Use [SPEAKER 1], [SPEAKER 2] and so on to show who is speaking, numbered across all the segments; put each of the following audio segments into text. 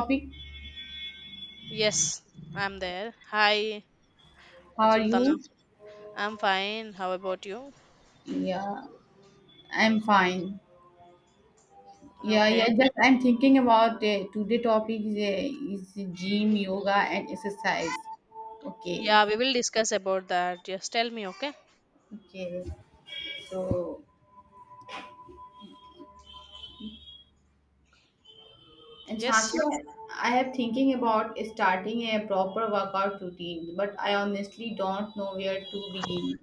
[SPEAKER 1] Topic.
[SPEAKER 2] Yes, I'm there. Hi,
[SPEAKER 1] How are
[SPEAKER 2] Sultana.
[SPEAKER 1] you?
[SPEAKER 2] I'm fine. How about you?
[SPEAKER 1] Yeah, I'm fine. Yeah,
[SPEAKER 2] Okay.
[SPEAKER 1] yeah. Just I'm thinking about today topic is gym, yoga, and exercise. Okay,
[SPEAKER 2] Yeah, we will discuss about that. Just tell me, okay?
[SPEAKER 1] okay. So, and Chansey,
[SPEAKER 2] Yes.
[SPEAKER 1] I have thinking about starting a proper workout routine, but I honestly don't know where to begin.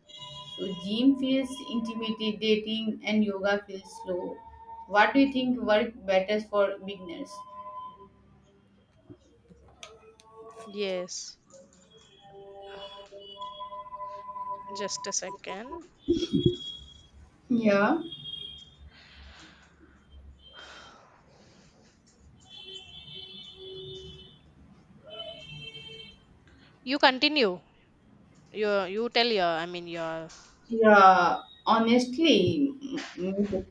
[SPEAKER 1] So, gym feels intimidating, and yoga feels slow. What do you think work better for beginners?
[SPEAKER 2] Yes. Just a second.
[SPEAKER 1] Yeah.
[SPEAKER 2] You continue. You tell your, I mean, your.
[SPEAKER 1] Yeah, honestly, mm, mm,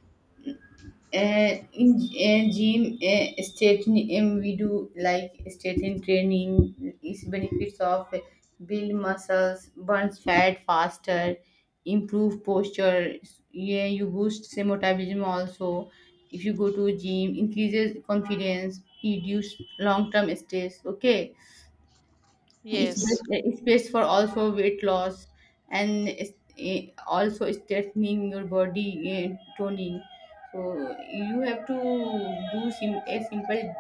[SPEAKER 1] eh, in gym we do like state training is benefits of build muscles, burns fat faster, improve posture. Yeah, you boost metabolism also. If you go to gym, increases confidence, reduce long term stress. Okay,
[SPEAKER 2] Yes.
[SPEAKER 1] it's best for also weight loss and it's, also strengthening your body toning. So you have to do a simple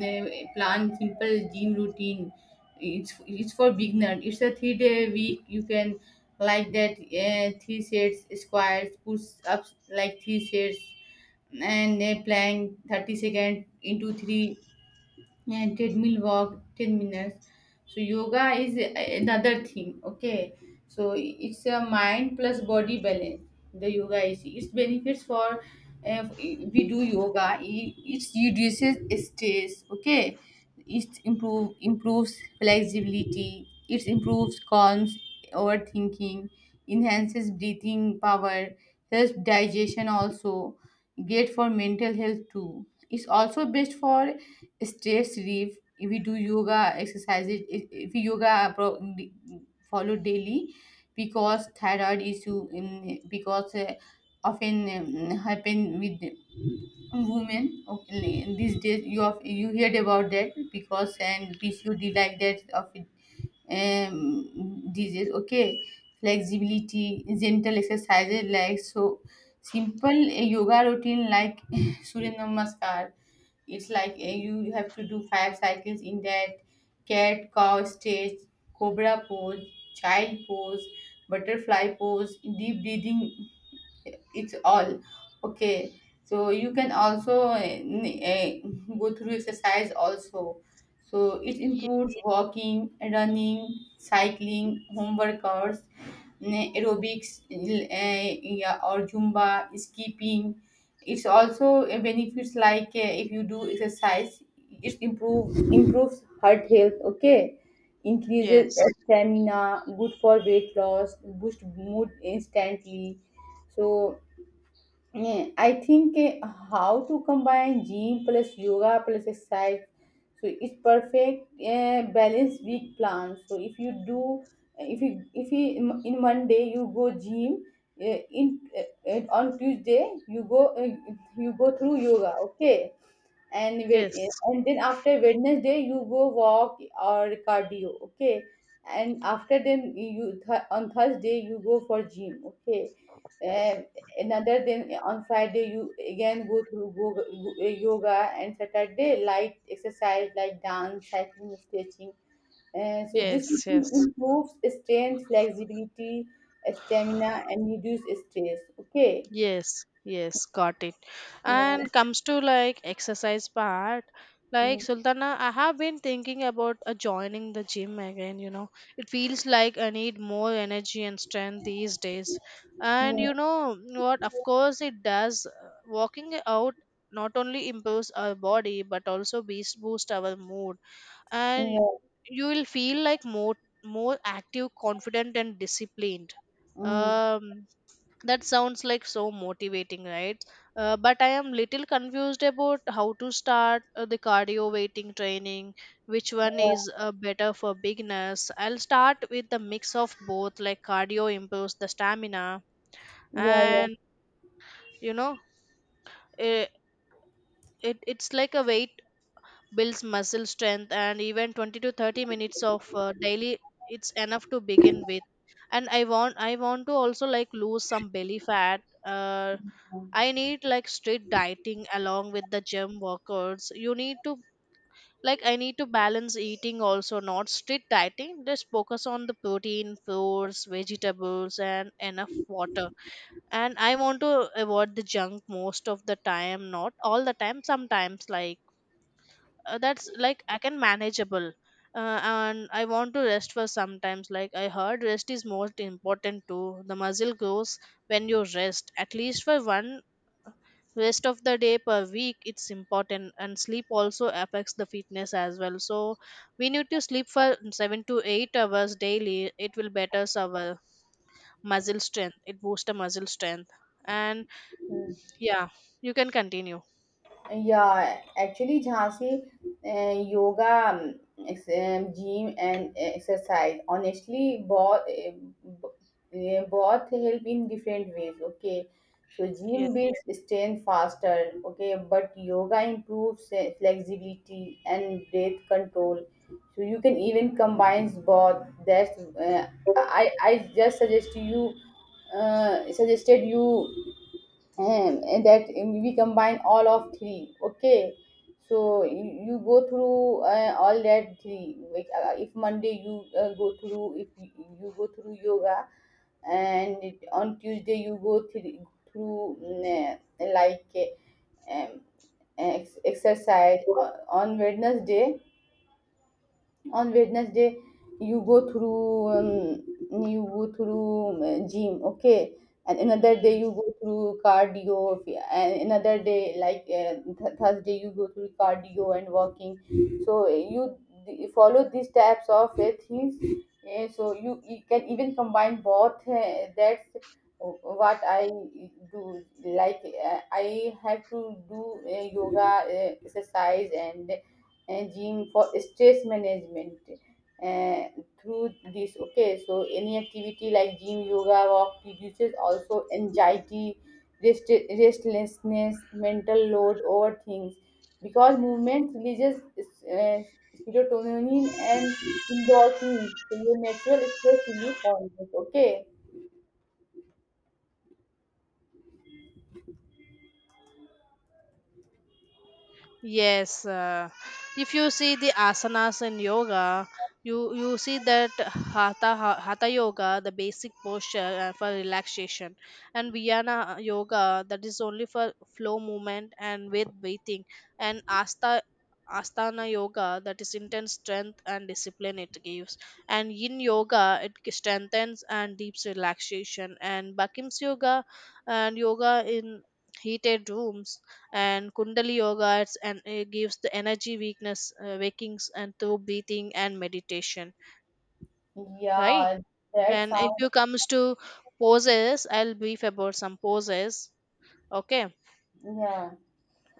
[SPEAKER 1] plan, simple gym routine. It's for beginner. It's a 3 day week. You can like that three sets squats, push ups like three sets, and a plank 30 second into three, yeah, treadmill walk 10 minutes. So yoga is another thing. Okay, so it's a mind plus body balance. The yoga is its benefits for, we do yoga it reduces stress. Okay, it improves flexibility, it improves calms overthinking, enhances breathing power, helps digestion also, great for mental health too. It's also best for stress relief if we do yoga exercises, if we yoga pro- follow daily, because thyroid issue in because often happen with women. Okay, in these days you have you heard about that, because and PCOD like that of it, um, disease. Okay, flexibility, gentle exercises like, so simple yoga routine like Surya Namaskar. It's like you have to do 5 cycles in that: cat cow stage, cobra pose, child pose, butterfly pose, deep breathing, it's all. Okay, so you can also go through exercise also. So it
[SPEAKER 2] Ye-
[SPEAKER 1] includes walking, running, cycling, home workouts, aerobics, yeah, or zumba, skipping. It's also a benefits like, if you do exercise, it improves heart health. Okay, increases
[SPEAKER 2] Yes.
[SPEAKER 1] stamina, good for weight loss, boost mood instantly. So yeah, I think, how to combine gym plus yoga plus exercise, so it's perfect balance week plan. So if you do, if you in Monday you go gym, in on Tuesday you go through yoga. Okay, and wed-
[SPEAKER 2] Yes.
[SPEAKER 1] and then after Wednesday you go walk or cardio. Okay, and after then on Thursday you go for gym. Okay, uh, another then on Friday you again go through yoga, and Saturday light exercise like dance, cycling, stretching. And so this
[SPEAKER 2] Yes.
[SPEAKER 1] routine
[SPEAKER 2] Yes.
[SPEAKER 1] improves strength, flexibility, stamina and reduce stress. Okay,
[SPEAKER 2] Yes, yes, got it.
[SPEAKER 1] yeah.
[SPEAKER 2] And comes to like exercise part, like
[SPEAKER 1] Mm.
[SPEAKER 2] Sultana, I have been thinking about joining the gym again, you know. It feels like I need more energy and strength these days. And you
[SPEAKER 1] Yeah,
[SPEAKER 2] know what, of course it does. Walking out not only improves our body but also beast boost our mood. And
[SPEAKER 1] yeah.
[SPEAKER 2] you will feel like more active, confident and disciplined.
[SPEAKER 1] Mm.
[SPEAKER 2] Um that sounds like so motivating, right? But I am little confused about how to start the cardio weighting training, which one is better for beginners. I'll start with the mix of both. Like, cardio improves the stamina,
[SPEAKER 1] Yeah, yeah.
[SPEAKER 2] and you know it, it's like a weight builds muscle strength. And even 20 to 30 minutes of daily, it's enough to begin with. And I want to also like lose some belly fat. uh, I need like strict dieting along with the gym workouts. You need to, like, I need to balance eating also, not strict dieting. Just focus on the protein, fruits, vegetables, and enough water. And I want to avoid the junk most of the time, not all the time. Sometimes like, that's like I can manageable. And I want to rest for sometimes. Like I heard, rest is most important too. The muscle grows when you rest. At least for one rest of the day per week, it's important, and sleep also affects the fitness as well. So we need to sleep for 7 to 8 hours daily. It will better our muscle strength. It boosts the muscle strength. And yeah, you can continue.
[SPEAKER 1] Yeah, actually, Jhansi, yoga, gym, and exercise. Honestly, both help in different ways. Okay, so
[SPEAKER 2] Yes,
[SPEAKER 1] gym builds strength faster. Okay, but yoga improves flexibility and breath control. So you can even combine both. That's uh, I just suggest you suggested you, and that we combine all of three. Okay, so you go through all that three. Like if Monday you go through, if you go through yoga, and on Tuesday you go through um, exercise. On wednesday on Wednesday you go through, you go through gym. Okay, and another day you
[SPEAKER 2] yes.
[SPEAKER 1] go through cardio, and another day like, Thursday you go through cardio and walking. So you follow these types of things. So you can even combine both. That's what I do. Like I have to do yoga, exercise, and gym for stress management, uh, through this. Okay, so any activity like gym, yoga, walk reduces also anxiety, restlessness, mental load, over things, because movement releases uh, serotonin and endorphins, so your natural stress relief hormones. Okay,
[SPEAKER 2] Yes. If you see the asanas in yoga, you see that hatha hatha yoga, the basic posture for relaxation, and Viyana yoga, that is only for flow movement and with breathing, and Astana yoga, that is intense strength and discipline it gives, and Yin yoga, it strengthens and deeps relaxation, and Bakim's yoga, and yoga in heated rooms, and kundali yoga it's, and it gives the energy weakness wakings and through breathing and meditation, right?
[SPEAKER 1] yeah, that
[SPEAKER 2] And if
[SPEAKER 1] sounds.
[SPEAKER 2] you comes to poses, I'll brief about some poses, okay?
[SPEAKER 1] Yeah,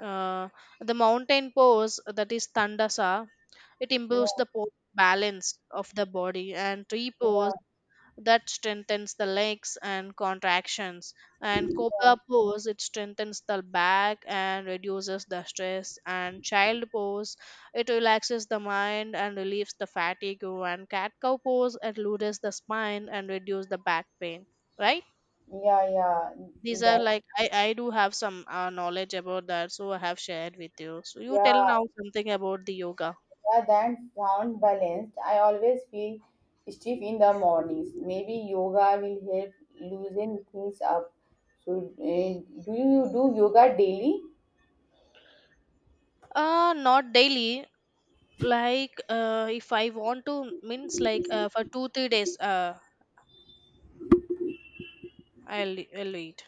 [SPEAKER 2] uh, the mountain pose, that is tandasa. It
[SPEAKER 1] yeah,
[SPEAKER 2] improves the balance of the body. And tree pose,
[SPEAKER 1] yeah,
[SPEAKER 2] that strengthens the legs and contractions. And cobra pose, it strengthens the back and reduces the stress. And child pose, it relaxes the mind and relieves the fatigue. And cat cow pose, it loosens the spine and reduces the back pain, right?
[SPEAKER 1] yeah, yeah, yeah,
[SPEAKER 2] These are
[SPEAKER 1] that,
[SPEAKER 2] like, I do have some knowledge about that, so I have shared with you. So you tell now
[SPEAKER 1] yeah.
[SPEAKER 2] something about the yoga.
[SPEAKER 1] Yeah, that sound balanced. I always feel stiff in the mornings. Maybe yoga will help loosen things up. So, do you do yoga daily?
[SPEAKER 2] Not daily. Like, if I want to, means like, for 2 3 days, I'll eat.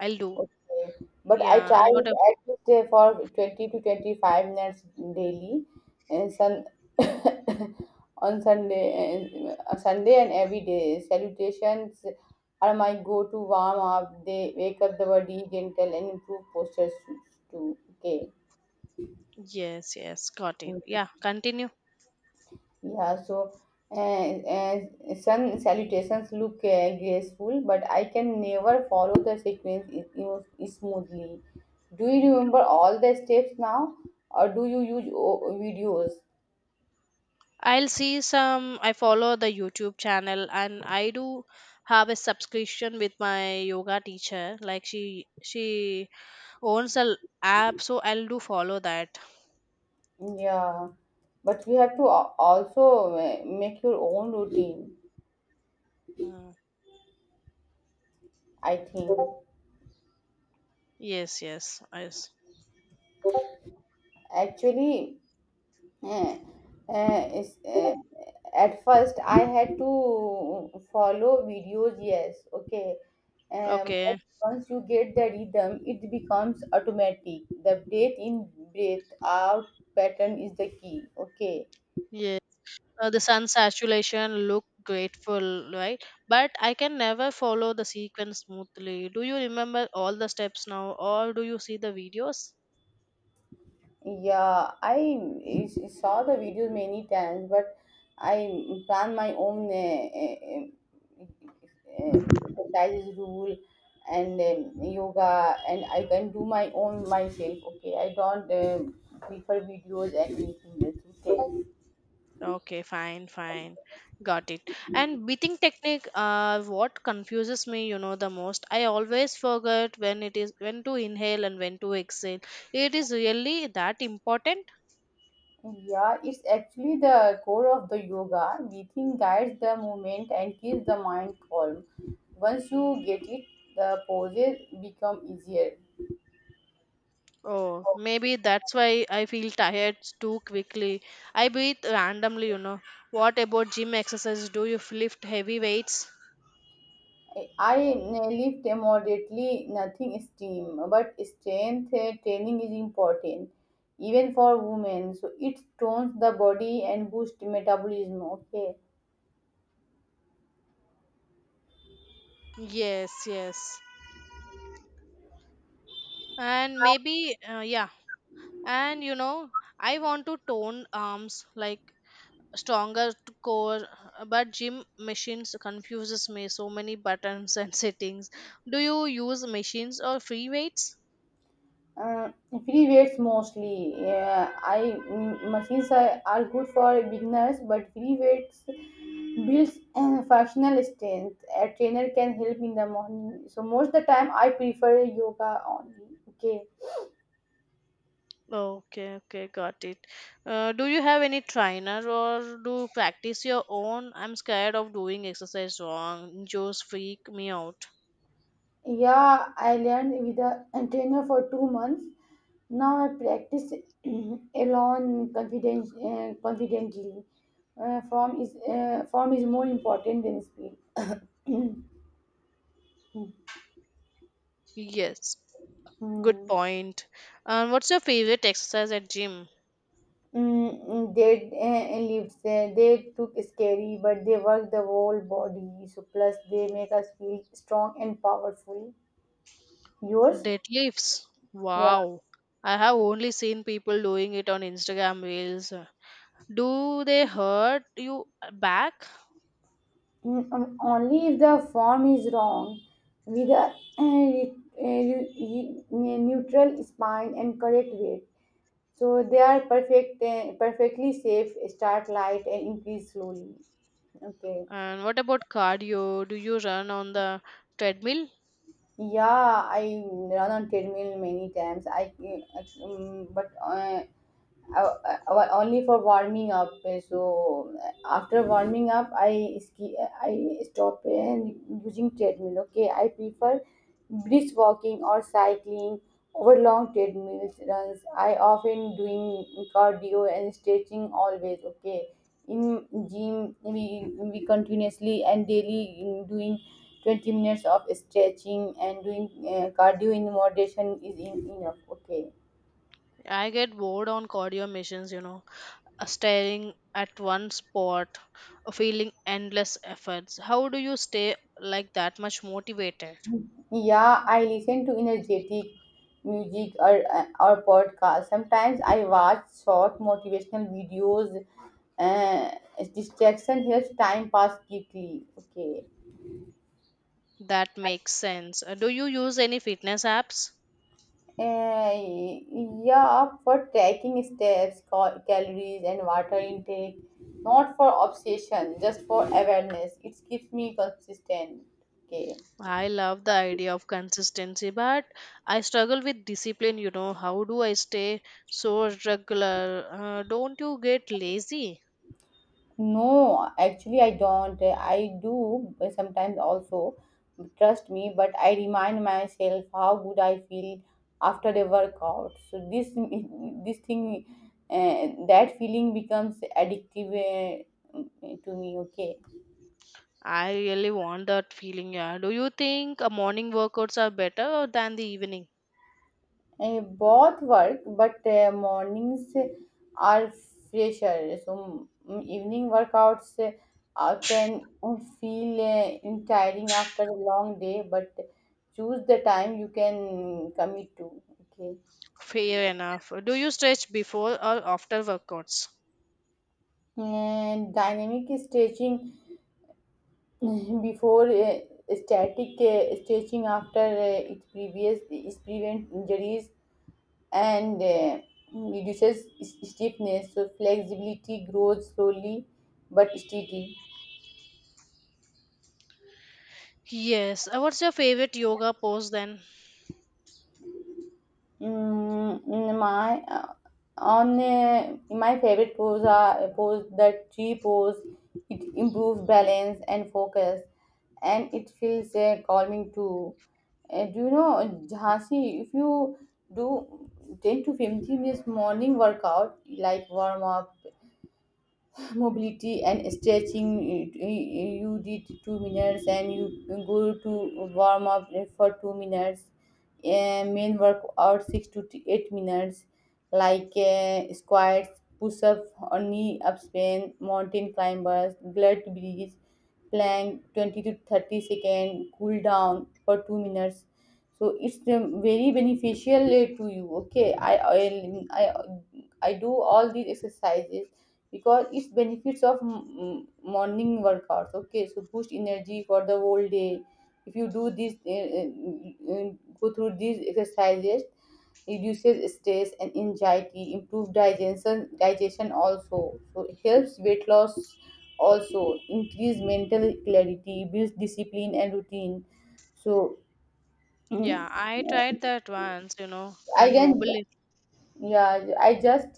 [SPEAKER 2] I'll do.
[SPEAKER 1] Okay, but I
[SPEAKER 2] Yeah,
[SPEAKER 1] try
[SPEAKER 2] and what
[SPEAKER 1] it
[SPEAKER 2] a.
[SPEAKER 1] at least for 20 to 25 minutes daily, and sun on Sunday and Sunday and every day. Salutations are my go-to warm up. They wake up the body gentle and improve postures too. Okay.
[SPEAKER 2] Yes, yes, got it.
[SPEAKER 1] Mm.
[SPEAKER 2] Yeah, continue.
[SPEAKER 1] Yeah, so uh, uh, sun salutations look graceful, but I can never follow the sequence smoothly. Do you remember all the steps now, or do you use videos?
[SPEAKER 2] I'll see some. I follow the YouTube channel, and I do have a subscription with my yoga teacher. Like, she owns a app, so I'll do follow that.
[SPEAKER 1] Yeah, but you have to also make your own routine,
[SPEAKER 2] Mm.
[SPEAKER 1] I think.
[SPEAKER 2] Yes, yes, yes.
[SPEAKER 1] Actually, Eh, eh, is- eh, at first I had to follow videos, yes, okay. But
[SPEAKER 2] Okay.
[SPEAKER 1] once you get the rhythm, it becomes automatic. The breath in, breath out pattern is the key, okay.
[SPEAKER 2] Yeah. The sun saturation look grateful, right? But I can never follow the sequence smoothly. Do you remember all the steps now, or do you see the videos?
[SPEAKER 1] Yeah, I is saw the video many times, but I plan my own exercises rule and yoga, and I can do my own myself. Okay, I don't prefer videos and anything else. Okay.
[SPEAKER 2] Okay, fine, fine, got it. And breathing technique, what confuses me, the most, I always forget when it is when to inhale and when to exhale. It is really that important?
[SPEAKER 1] Yeah, it's actually the core of the yoga. Breathing guides the movement and keeps the mind calm. Once you get it, the poses become easier.
[SPEAKER 2] Oh, maybe that's why I feel tired too quickly. I breathe randomly, you know. What about gym exercise? Do you lift heavy weights?
[SPEAKER 1] I lift moderately, nothing extreme, but strength training is important, even for women. So it tones the body and boosts metabolism. Okay,
[SPEAKER 2] Yes, yes. And maybe, yeah. And you know, I want to tone arms like stronger core, but gym machines confuses me. So many buttons and settings. Do you use machines or free weights?
[SPEAKER 1] free weights mostly. Yeah, I, machines are good for beginners, but free weights builds functional strength. A trainer can help in the morning. So most the time, I prefer yoga only. Okay.
[SPEAKER 2] Okay, okay, got it. Do you have any trainer or do you practice your own? I'm scared of doing exercise wrong. Just freak me out.
[SPEAKER 1] Yeah, I learned with a trainer for 2 months. Now I practice alone confident, confidently. Uh, form is more important than speed.
[SPEAKER 2] Yes, good point. And what's your favorite exercise at gym?
[SPEAKER 1] They lived there. They took scary, but they work the whole body. So plus they make us feel strong and powerful. Yours?
[SPEAKER 2] Deadlifts.
[SPEAKER 1] Yeah.
[SPEAKER 2] Wow. I have only seen people doing it on Instagram reels. Do they hurt you back?
[SPEAKER 1] Only if the form is wrong with a, a neutral spine and correct weight, so they are perfectly safe. Start light and increase slowly. Okay,
[SPEAKER 2] And what about cardio? Do you run on the treadmill?
[SPEAKER 1] yeah, I run on treadmill many times. I, eh, I but uh, Only for warming up. So after warming up, I stop, and using treadmill. Okay, I prefer brisk walking or cycling over long treadmill runs. I often doing cardio and stretching always. Okay, in gym we continuously and daily doing. 20 minutes of stretching and doing cardio in moderation is enough. Okay,
[SPEAKER 2] I get bored on cardio machines, you know, staring at one spot, feeling endless efforts. How do you stay like that much motivated?
[SPEAKER 1] yeah, I listen to energetic music or podcasts. Sometimes I watch short motivational videos. Uh, Distraction helps time pass quickly. Okay.
[SPEAKER 2] That makes sense. Do you use any fitness apps?
[SPEAKER 1] Uh, yeah, for tracking steps, calories, and water intake. Not for obsession, just for awareness. It keeps me consistent. Okay.
[SPEAKER 2] I love the idea of consistency, but I struggle with discipline. You know, how do I stay so regular? Don't you get lazy?
[SPEAKER 1] No, actually, I don't. I do sometimes also, trust me, but I remind myself how good I feel after a workout. So this thing, that feeling becomes addictive uh, to me. Okay.
[SPEAKER 2] I really want that feeling. Yeah. Do you think morning workouts are better than the evening?
[SPEAKER 1] Both work, but mornings are fresher. So evening workouts can feel tiring after a long day, but choose the time you can commit to. Okay,
[SPEAKER 2] Fair enough. Do you stretch before or after workouts?
[SPEAKER 1] and dynamic stretching before static stretching after. Its previous is prevent injuries and reduces stiffness. So flexibility grows slowly but steady.
[SPEAKER 2] Yes. What's your favorite yoga pose then?
[SPEAKER 1] Mm, in my on My favorite pose are pose the tree pose. It improves balance and focus, and it feels calming too. Do you know Jhansi? If you do 10 to 15 minutes morning workout like warm up, mobility and stretching, eh, you did 2 minutes and you go to warm up for 2 minutes. Main workout six to eight minutes, like squats, push-ups or knee up span, mountain climbers, glute bridge, plank 20 to 30 second, cool down for 2 minutes. So it's very beneficial to you. Okay, I do all these exercises, because it's benefits of morning workouts. Okay, so boost energy for the whole day if you do this, go through these exercises, reduces stress and anxiety, improve digestion also, so it helps weight loss also, increase mental clarity, builds discipline and routine. So, mm,
[SPEAKER 2] Yeah, I tried that once, you know,
[SPEAKER 1] I
[SPEAKER 2] and
[SPEAKER 1] can
[SPEAKER 2] wobble it.
[SPEAKER 1] yeah, I just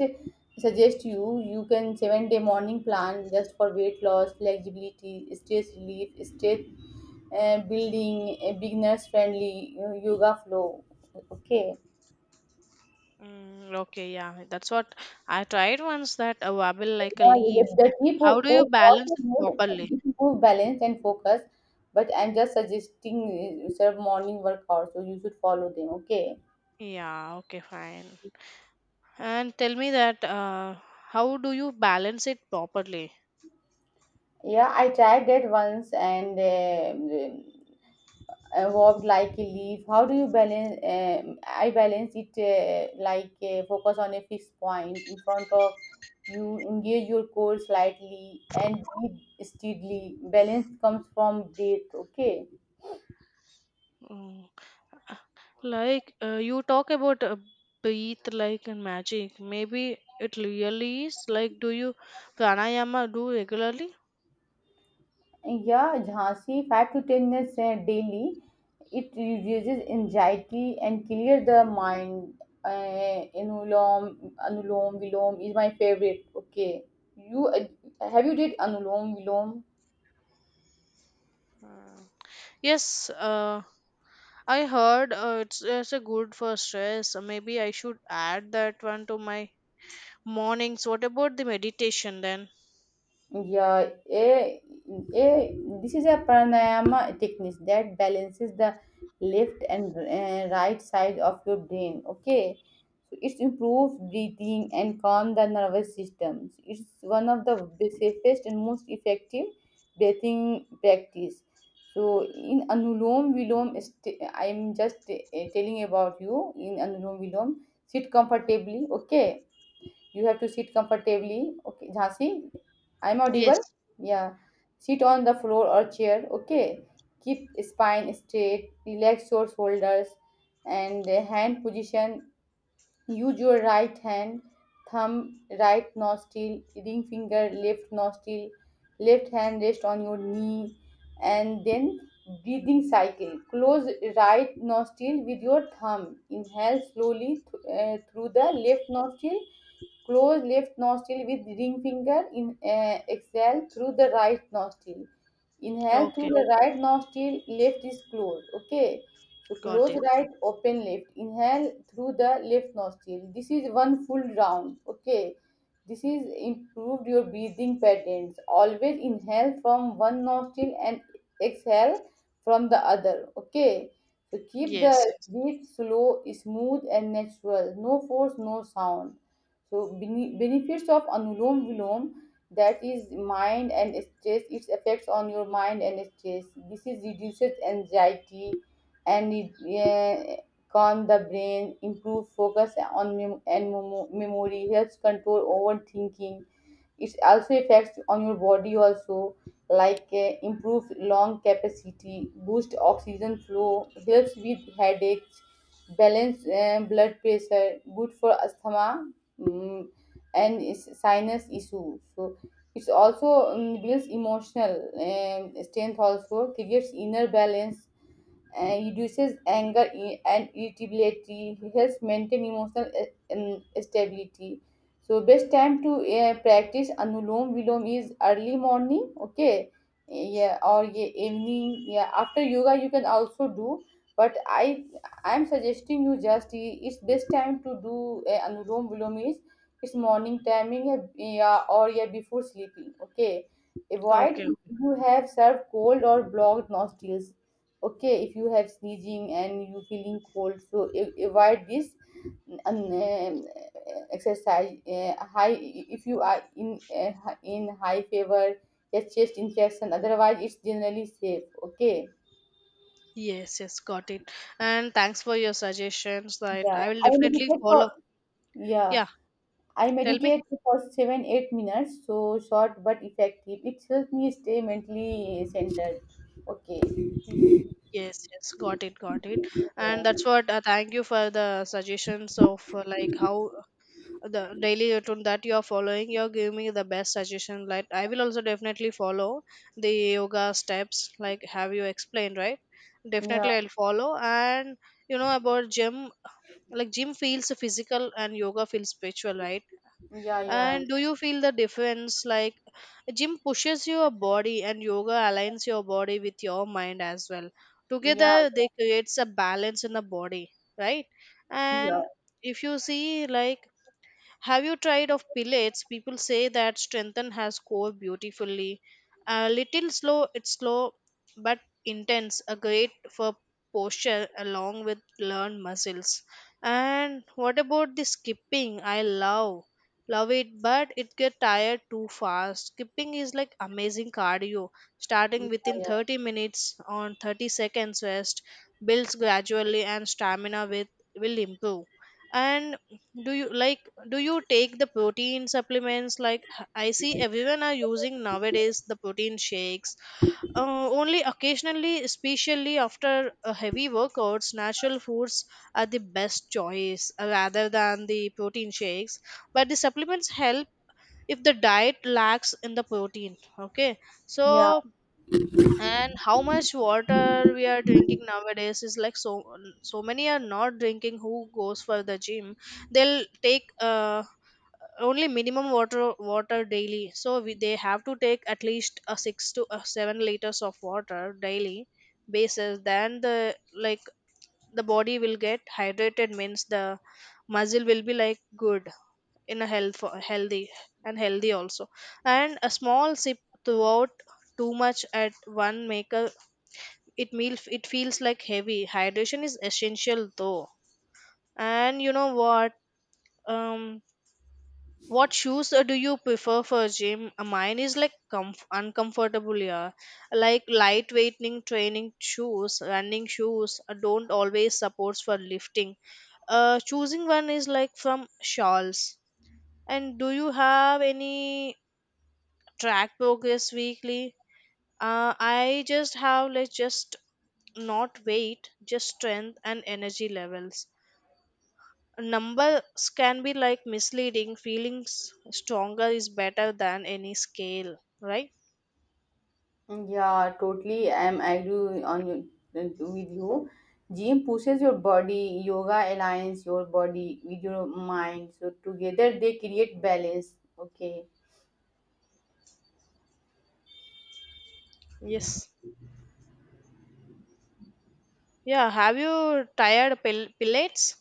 [SPEAKER 1] suggest you, you can 7 day morning plan just for weight loss, flexibility, stress relief, stress building, a beginners friendly, you know, yoga flow. Okay.
[SPEAKER 2] Mm, okay, yeah, that's what I tried once, that a wobble like a
[SPEAKER 1] Yeah,
[SPEAKER 2] leaf.
[SPEAKER 1] the three
[SPEAKER 2] How do you
[SPEAKER 1] post
[SPEAKER 2] balance
[SPEAKER 1] also
[SPEAKER 2] it
[SPEAKER 1] good.
[SPEAKER 2] properly?
[SPEAKER 1] It improve balance and focus. But I'm just suggesting sort of morning workout, so you should follow them. Okay.
[SPEAKER 2] Yeah, okay, fine. And tell me that, how do you balance it properly?
[SPEAKER 1] Yeah, I tried that once, and evolved like a leaf. How do you balance? I balance it like focus on a fixed point in front of you, engage your core slightly and breathe steadily. Balance comes from breath. Okay.
[SPEAKER 2] Mm. uh, Like, you talk about, breathe like and magic. Maybe it really is. Like, do you pranayama do regularly?
[SPEAKER 1] Yeah, Jhansi, 5 to 10 minutes daily. It reduces anxiety and clear the mind. Anulom vilom is my favorite. Okay. You have you did anulom vilom?
[SPEAKER 2] Mm. Yes, I heard, it's a good for stress. Maybe I should add that one to my mornings. What about the meditation then?
[SPEAKER 1] Yeah. A, this is a pranayama technique that balances the left and right side of your brain. Okay, so it improves breathing and calm the nervous system. So, it's one of the safest and most effective breathing practice. So in Anulom Vilom, I'm just telling about you in Anulom Vilom. Sit comfortably. Okay, you have to sit comfortably. Okay, Jhansi, I'm audible.
[SPEAKER 2] Yes.
[SPEAKER 1] Yeah. Sit on the floor or chair. Okay. Keep spine straight. Relax your shoulders and hand position. Use your right hand, thumb, right nostril, ring finger, left nostril. Left hand rest on your knee, and then breathing cycle. Close right nostril with your thumb. Inhale slowly through the left nostril. Close left nostril with ring finger. Exhale through the right nostril. Inhale through
[SPEAKER 2] Okay,
[SPEAKER 1] the right nostril. Left is closed. Okay. So
[SPEAKER 2] got
[SPEAKER 1] close
[SPEAKER 2] it.
[SPEAKER 1] right, open left. Inhale through the left nostril. This is one full round. Okay. This is improved your breathing patterns. Always inhale from one nostril and exhale from the other. Okay. So keep the
[SPEAKER 2] Yes.
[SPEAKER 1] breath slow, smooth, and natural. No force, no sound. So benefits of anulom vilom, that is mind and stress, its effects on your mind and stress. This is reduces anxiety, and it uh, calm the brain, improve focus on memory, helps control overthinking. It also affects on your body also, like improve lung capacity, boost oxygen flow, helps with headaches, balance blood pressure, good for asthma, mm, and is sinus issue. So it's also builds emotional strength, also creates inner balance, reduces anger and irritability, helps maintain emotional stability. So best time to practice anulom vilom is early morning, okay, yeah, or yeah, evening. Yeah, after yoga you can also do, but I'm suggesting you just it's best time to do anulom vilom is it's morning timing, yeah, yeah, or yeah, before sleeping, okay. Avoid
[SPEAKER 2] Okay.
[SPEAKER 1] if you have served cold or blocked nostrils. Okay, if you have sneezing and you feeling cold, so avoid this um, uh, exercise. High If you are in high fever, your chest infection, otherwise it's generally safe. Okay.
[SPEAKER 2] Yes, yes, got it. And thanks for your suggestions that
[SPEAKER 1] yeah
[SPEAKER 2] I will
[SPEAKER 1] i
[SPEAKER 2] definitely
[SPEAKER 1] meditate for
[SPEAKER 2] follow.
[SPEAKER 1] yeah
[SPEAKER 2] Yeah,
[SPEAKER 1] I
[SPEAKER 2] tell me.
[SPEAKER 1] meditate for 7 8 minutes, so short but effective. It helps me stay mentally centered. Okay.
[SPEAKER 2] Mm. Yes, yes, got it, got it. And
[SPEAKER 1] Yeah,
[SPEAKER 2] that's what, thank you for the suggestions of, like how the daily routine that you are following, you're giving me the best suggestion. Like, I will also definitely follow the yoga steps like have you explained, right? Definitely I'll follow. And you know about gym, like gym feels physical and yoga feels spiritual, right?
[SPEAKER 1] yeah, yeah.
[SPEAKER 2] And do
[SPEAKER 1] Yeah,
[SPEAKER 2] you feel the difference, like gym pushes your body and yoga aligns your body with your mind as well. Together
[SPEAKER 1] yeah,
[SPEAKER 2] they creates a balance in the body, right?
[SPEAKER 1] yeah,
[SPEAKER 2] And if you see, like, have you tried of pellets? People say that strengthen has core beautifully. A little slow, it's slow but intense. A great for posture along with learned muscles. And what about the skipping? I love it, but it get tired too fast. Skipping is like amazing cardio. Starting within
[SPEAKER 1] yeah,
[SPEAKER 2] 30 minutes on 30 seconds rest, builds gradually and stamina with will improve. And do you like, do you take the protein supplements, like I see everyone are using nowadays the protein shakes? Only occasionally, especially after a heavy workouts, natural foods are the best choice, rather than the protein shakes. But the supplements help if the diet lacks in the protein, okay? So,
[SPEAKER 1] yeah.
[SPEAKER 2] and how much water we are drinking nowadays is like, so many are not drinking who goes for the gym. They'll take, only minimum water daily. So we, they have to take at least a 6 to a 7 liters of water daily basis, then the like, the body will get hydrated, means the muscle will be like good in a healthy and healthy also. And a small sip throughout. Too much at one make a it meal, it feels like heavy. Hydration is essential though. And you know what, um what shoes do you prefer for gym? Mine is like uncomfortable, yeah. Like lightweight training shoes, running shoes, don't always supports for lifting. Choosing one is like from shawls. And do you have any track progress weekly? I just have like, just not weight, just strength and energy levels. Numbers can be like misleading. Feelings stronger is better than any scale, right?
[SPEAKER 1] Yeah, totally. I'm agree with you. Gym pushes your body, yoga aligns your body with your mind. So together they create balance. Okay.
[SPEAKER 2] Yes. Yeah. Have you tired pilates?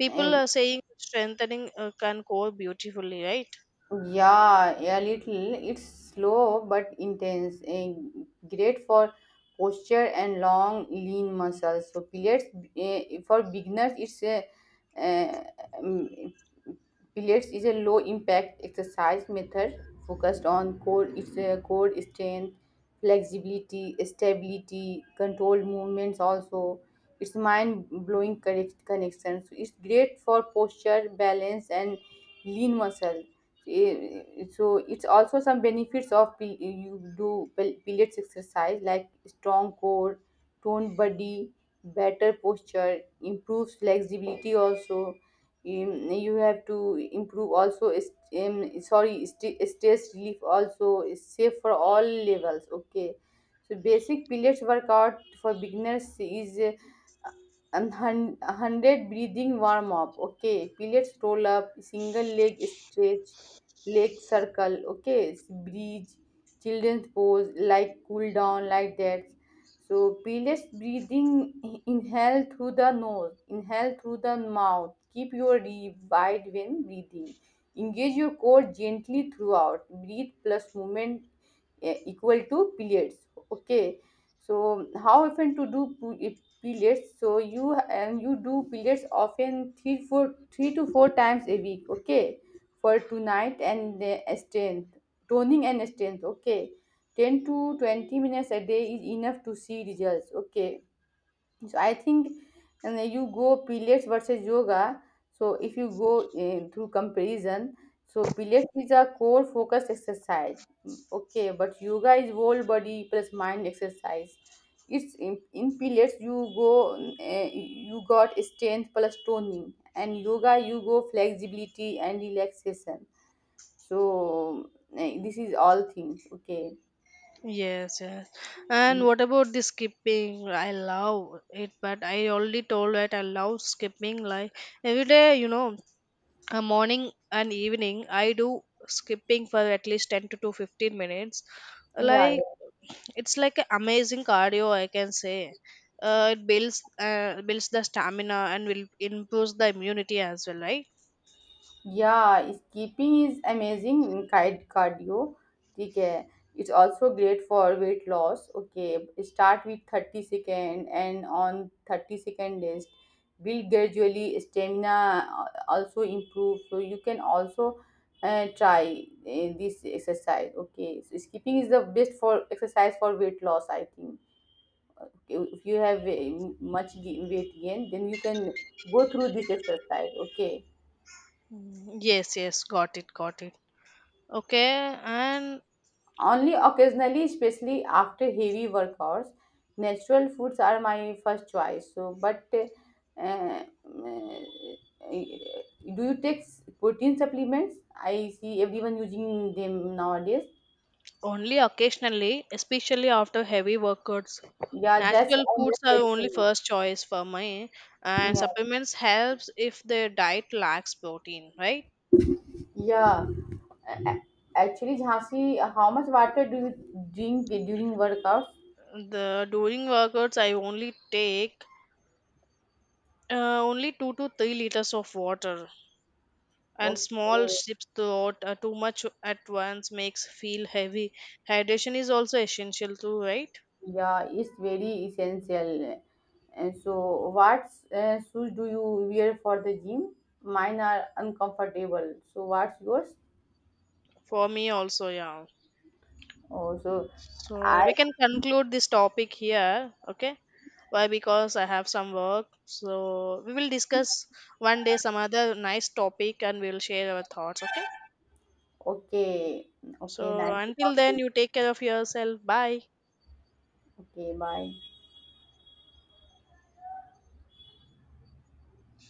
[SPEAKER 2] People are saying strengthening can go beautifully, right?
[SPEAKER 1] Yeah, a little. It's slow but intense. Great for posture and long, lean muscles. So, pilates for beginners, it's a uh, um, pilates is a low impact exercise method focused on core. It's a core strength, flexibility, stability, controlled movements. Also, it's mind blowing connection. So, it's great for posture, balance, and lean muscle. So it's also some benefits of pilates exercise, like strong core, toned body, better posture, improves flexibility also. You have to improve also um, sorry, stress relief also, is safe for all levels. Okay. So basic pilates workout for beginners is 100 breathing warm up. Okay, pilates roll up, single leg stretch, lake circle. Okay, bridge, children's pose, like cool down, like that. So painless breathing, inhale through the nose, inhale through the mouth, keep your rib wide when breathing, engage your core gently throughout, breathe plus movement equal to periods. Okay. So how often to do periods? So you, and you do periods often three to four times a week. Okay. For tonight and the strength, toning and strength. Okay, 10 to 20 minutes a day is enough to see results. Okay. So I think, and you go pilates versus yoga. So if you go through comparison, so pilates is a core focused exercise, okay, but yoga is whole body plus mind exercise. It's in pilates you go you got strength plus toning, and yoga you go flexibility and relaxation. So this is all things. Okay.
[SPEAKER 2] Yes, yes. And what about the skipping? I love it, but I already told that I love skipping like every day, you know, a morning and evening I do skipping for at least 10 to 2 15 minutes,
[SPEAKER 1] Yeah,
[SPEAKER 2] like,
[SPEAKER 1] yeah,
[SPEAKER 2] it's like an amazing cardio, I can say. It builds the stamina and will improves the immunity as well, right?
[SPEAKER 1] yeah. Skipping is amazing. Kite cardio. ठीक है. It's also great for weight loss. Okay. Start with 30 second and on 30-second list, build gradually stamina also improve. So you can also try this exercise. Okay. So skipping is the best for exercise for weight loss, I think. If you have much weight gain, then you can go through this exercise. Okay.
[SPEAKER 2] Mm, yes, yes, got it, got it, okay. And,
[SPEAKER 1] Only occasionally, especially after heavy workouts, natural foods are my first choice. So but eh, do you take protein supplements? I see everyone using them nowadays.
[SPEAKER 2] only occasionally, especially after heavy workouts,
[SPEAKER 1] Yeah, that's
[SPEAKER 2] natural
[SPEAKER 1] I'm
[SPEAKER 2] foods are
[SPEAKER 1] just
[SPEAKER 2] only
[SPEAKER 1] telling
[SPEAKER 2] first choice for me.
[SPEAKER 1] you.
[SPEAKER 2] And
[SPEAKER 1] Yeah,
[SPEAKER 2] supplements helps if the diet lacks protein, right?
[SPEAKER 1] yeah. A- a- Actually, Jhansi, how much water do you drink during workouts?
[SPEAKER 2] The during workouts, I only take, only 2 to 3 liters of water, and small
[SPEAKER 1] Okay.
[SPEAKER 2] sips throughout. Too much at once makes feel heavy. Hydration is also essential too, right?
[SPEAKER 1] Yeah, it's very essential. And so, what shoes do you wear for the gym? Mine are uncomfortable. So, what's yours?
[SPEAKER 2] For me also, yeah.
[SPEAKER 1] Oh, so
[SPEAKER 2] So
[SPEAKER 1] I.
[SPEAKER 2] we can conclude this topic here, okay? Why? Because I have some work. So we will discuss one day some other nice topic, and we will share our thoughts, okay?
[SPEAKER 1] Okay, okay,
[SPEAKER 2] So
[SPEAKER 1] nice to
[SPEAKER 2] until
[SPEAKER 1] talk to
[SPEAKER 2] then,
[SPEAKER 1] you.
[SPEAKER 2] you take care of yourself. Bye.
[SPEAKER 1] Okay, bye.